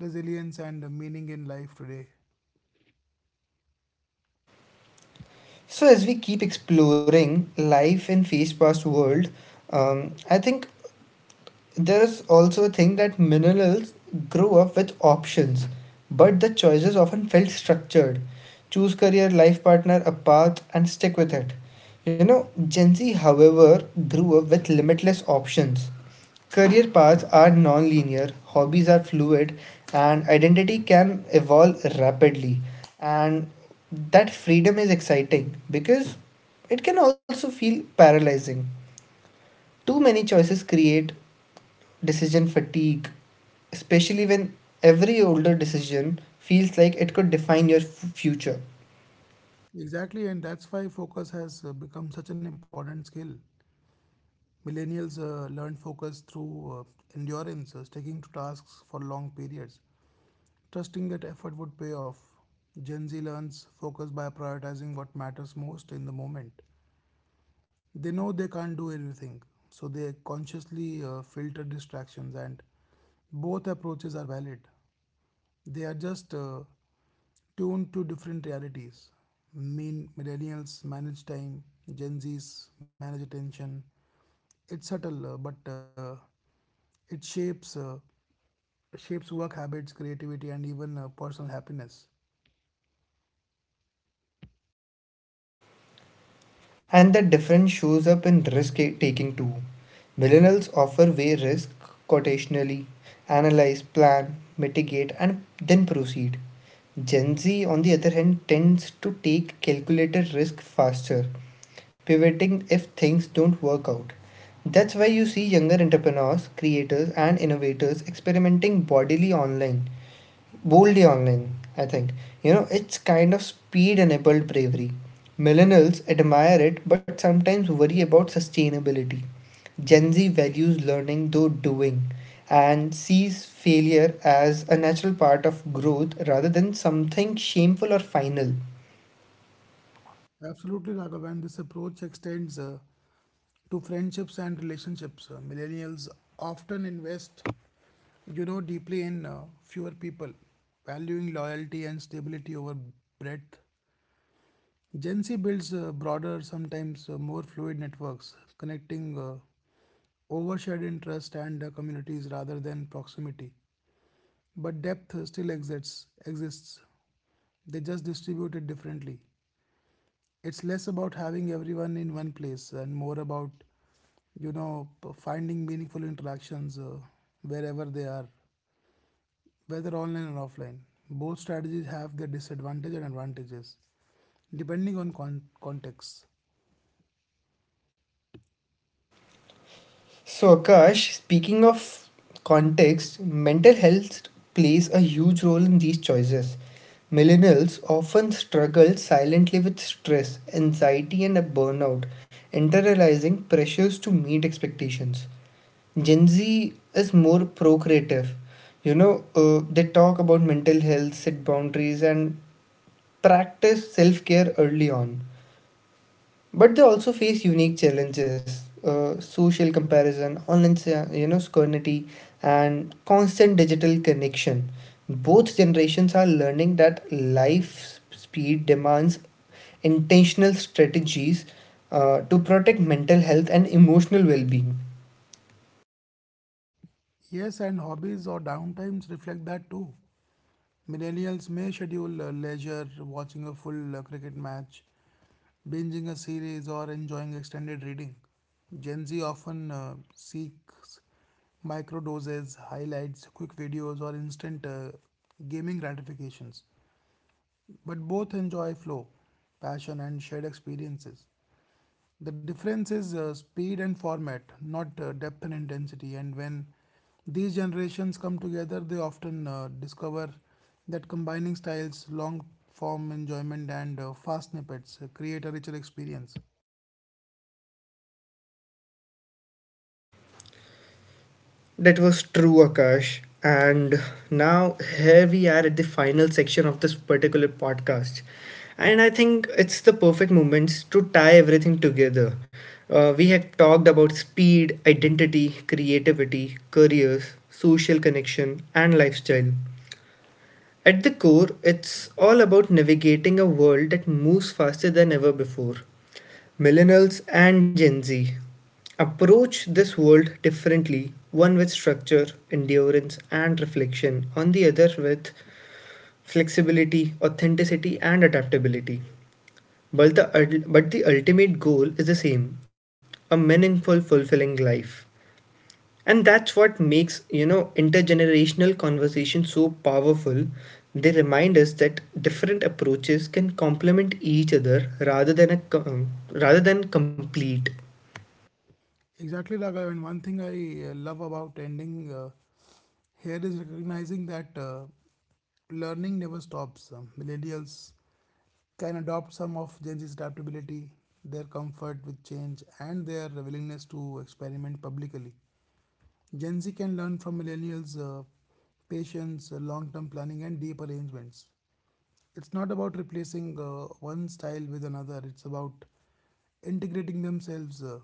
resilience, and meaning in life today. So as we keep exploring life in fast paced world, um, I think there is also a thing that millennials grew up with options, but the choices often felt structured. Choose career, life partner, a path, and stick with it. You know, Gen Z, however, grew up with limitless options. Career paths are non linear, hobbies are fluid, and identity can evolve rapidly. And that freedom is exciting because it can also feel paralyzing. Too many choices create decision fatigue, especially when every older decision feels like it could define your f- future. Exactly, and that's why focus has uh, become such an important skill. Millennials uh, learn focus through uh, endurance, uh, sticking to tasks for long periods, trusting that effort would pay off. Gen Z learns focus by prioritizing what matters most in the moment. They know they can't do everything, so they consciously uh, filter distractions, and both approaches are valid. They are just uh, tuned to different realities. Mean millennials manage time, Gen Zs manage attention. It's subtle, uh, but uh, it shapes uh, shapes work habits, creativity, and even uh, personal happiness. And that difference shows up in risk taking too. Millennials offer weigh risk quotationally, analyze, plan, mitigate, and then proceed. Gen Z, on the other hand, tends to take calculated risk faster, pivoting if things don't work out. That's why you see younger entrepreneurs, creators, and innovators experimenting bodily online, boldly online, I think. You know, it's kind of speed enabled bravery. Millennials admire it but sometimes worry about sustainability. Gen Z values learning though doing and sees failure as a natural part of growth rather than something shameful or final. Absolutely, Raghav. And this approach extends uh, to friendships and relationships. Uh, millennials often invest, you know, deeply in uh, fewer people, valuing loyalty and stability over breadth. Gen Z builds uh, broader, sometimes uh, more fluid networks, connecting uh, overshared interest and uh, communities rather than proximity. But depth uh, still exists. Exists. They just distribute it differently. It's less about having everyone in one place and more about, you know, p- finding meaningful interactions uh, wherever they are, whether online or offline. Both strategies have their disadvantages and advantages, depending on con- context. So, Akash, speaking of context, mental health plays a huge role in these choices. Millennials often struggle silently with stress, anxiety, and a burnout, internalizing pressures to meet expectations. Gen Z is more procreative. You know, uh, they talk about mental health, set boundaries, and practice self care early on. But they also face unique challenges uh, social comparison, online sa- you know, scrutiny, and constant digital connection. Both generations are learning that life speed demands intentional strategies uh, to protect mental health and emotional well being. Yes, and hobbies or downtimes reflect that too. Millennials may schedule uh, leisure, watching a full uh, cricket match, binging a series, or enjoying extended reading. Gen Z often uh, seeks micro doses, highlights, quick videos, or instant uh, gaming gratifications. But both enjoy flow, passion, and shared experiences. The difference is uh, speed and format, not uh, depth and intensity. And when these generations come together, they often uh, discover that combining styles, long form enjoyment, and uh, fast snippets uh, create a richer experience. That was true, Akash. And now here we are at the final section of this particular podcast. And I think it's the perfect moments to tie everything together. Uh, we have talked about speed, identity, creativity, careers, social connection, and lifestyle. At the core, it's all about navigating a world that moves faster than ever before. Millennials and Gen Z approach this world differently one with structure, endurance, and reflection, on the other with flexibility, authenticity, and adaptability. But the, but the ultimate goal is the same, a meaningful, fulfilling life. And that's what makes, you know, intergenerational conversation so powerful. They remind us that different approaches can complement each other rather than a, co- rather than complete. Exactly, Raghav. And one thing I uh, love about ending uh, here is recognizing that uh, learning never stops. Um, millennials can adopt some of Gen Z's adaptability, their comfort with change, and their willingness to experiment publicly. Gen Z can learn from millennials uh, patience, uh, long term planning, and deep arrangements. It's not about replacing uh, one style with another, it's about integrating themselves. Uh,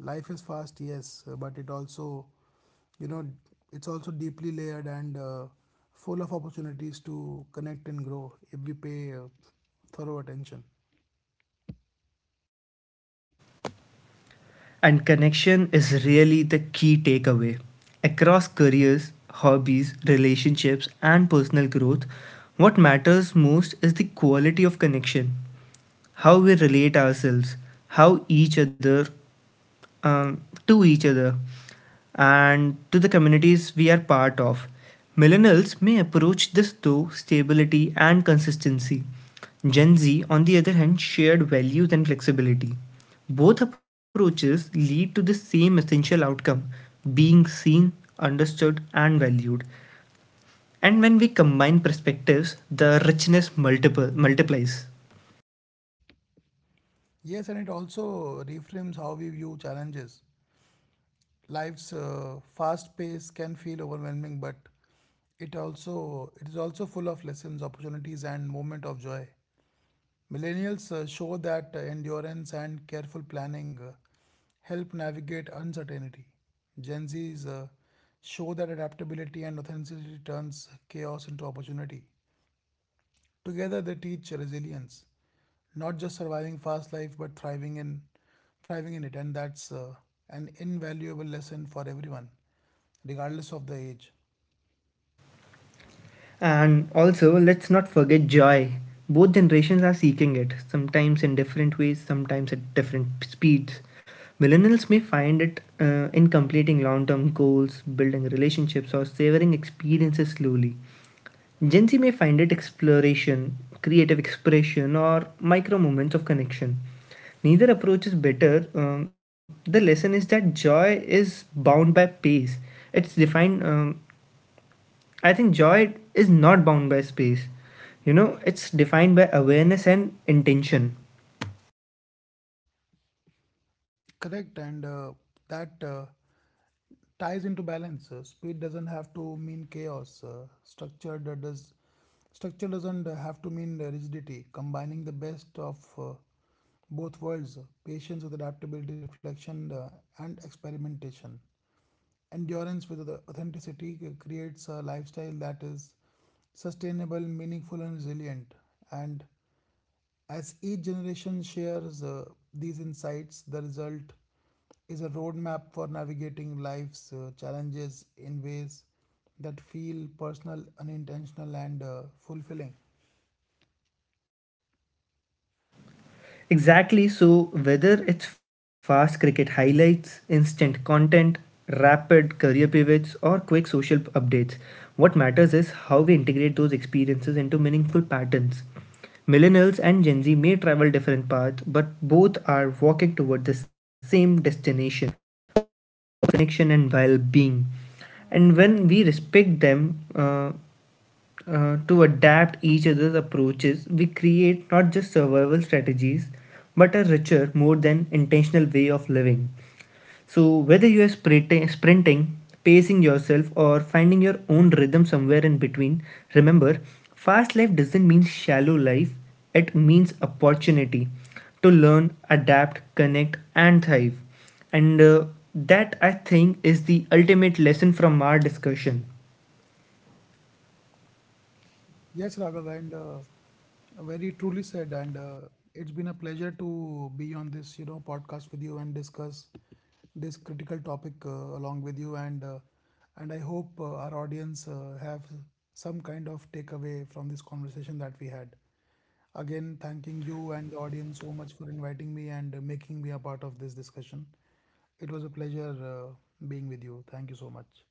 life is fast, yes, uh, but it also, you know, it's also deeply layered and uh, full of opportunities to connect and grow if we pay uh, thorough attention. And connection is really the key takeaway. Across careers, hobbies, relationships, and personal growth, what matters most is the quality of connection, how we relate ourselves, how each other um, to each other and to the communities we are part of. Millennials may approach this through stability and consistency. Gen Z, on the other hand, shared values and flexibility. Both approaches lead to the same essential outcome, being seen, understood, and valued. And when we combine perspectives, the richness multiple, multiplies. Yes, and it also reframes how we view challenges. Life's uh, fast pace can feel overwhelming, but it also it is also full of lessons, opportunities, and moment of joy. Millennials uh, show that uh, endurance and careful planning uh, help navigate uncertainty. Gen Zs uh, show that adaptability and authenticity turns chaos into opportunity. Together, they teach resilience, not just surviving fast life, but thriving in thriving in it, and that's uh, an invaluable lesson for everyone regardless of the age. And also, let's not forget joy. Both generations are seeking it, sometimes in different ways, sometimes at different speeds. Millennials may find it uh, in completing long term goals, building relationships, or savoring experiences slowly. Gen Z may find it exploration, creative expression, or micro moments of connection. Neither approach is better. Um, the lesson is that joy is bound by pace. It's defined um, I think joy is not bound by space. You know, it's defined by awareness and intention. Correct, and uh, that uh, ties into balance. Uh, speed doesn't have to mean chaos. Uh, structure do- does structure doesn't have to mean rigidity. Combining the best of uh, both worlds, uh, patience with adaptability, reflection, uh, and experimentation. Endurance with the authenticity c- creates a lifestyle that is sustainable, meaningful, and resilient. And as each generation shares uh, these insights, the result is a roadmap for navigating life's uh, challenges in ways that feel personal, unintentional, and uh, fulfilling. Exactly, so whether it's fast cricket highlights, instant content, rapid career pivots, or quick social updates, what matters is how we integrate those experiences into meaningful patterns. Millennials and Gen Z may travel different paths, but both are walking toward the same destination, connection and well being. And when we respect them, uh, uh, to adapt each other's approaches, we create not just survival strategies, but a richer, more than intentional way of living. So, whether you are sprinting, sprinting, pacing yourself, or finding your own rhythm somewhere in between, remember fast life doesn't mean shallow life, it means opportunity to learn, adapt, connect, and thrive. And uh, that I think is the ultimate lesson from our discussion. Yes, Raghav, and uh, very truly said. And uh, it's been a pleasure to be on this, you know, podcast with you and discuss this critical topic uh, along with you. And uh, and I hope uh, our audience uh, have some kind of takeaway from this conversation that we had. Again, thanking you and the audience so much for inviting me and uh, making me a part of this discussion. It was a pleasure uh, being with you. Thank you so much.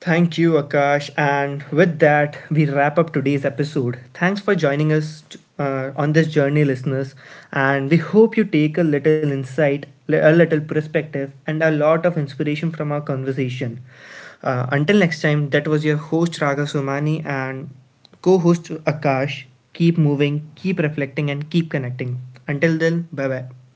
Thank you, Akash. And with that, we wrap up today's episode. Thanks for joining us uh, on this journey, listeners. And we hope you take a little insight, a little perspective, and a lot of inspiration from our conversation. Uh, until next time, that was your host, Raga Somani, and co host, Akash. Keep moving, keep reflecting, and keep connecting. Until then, bye bye.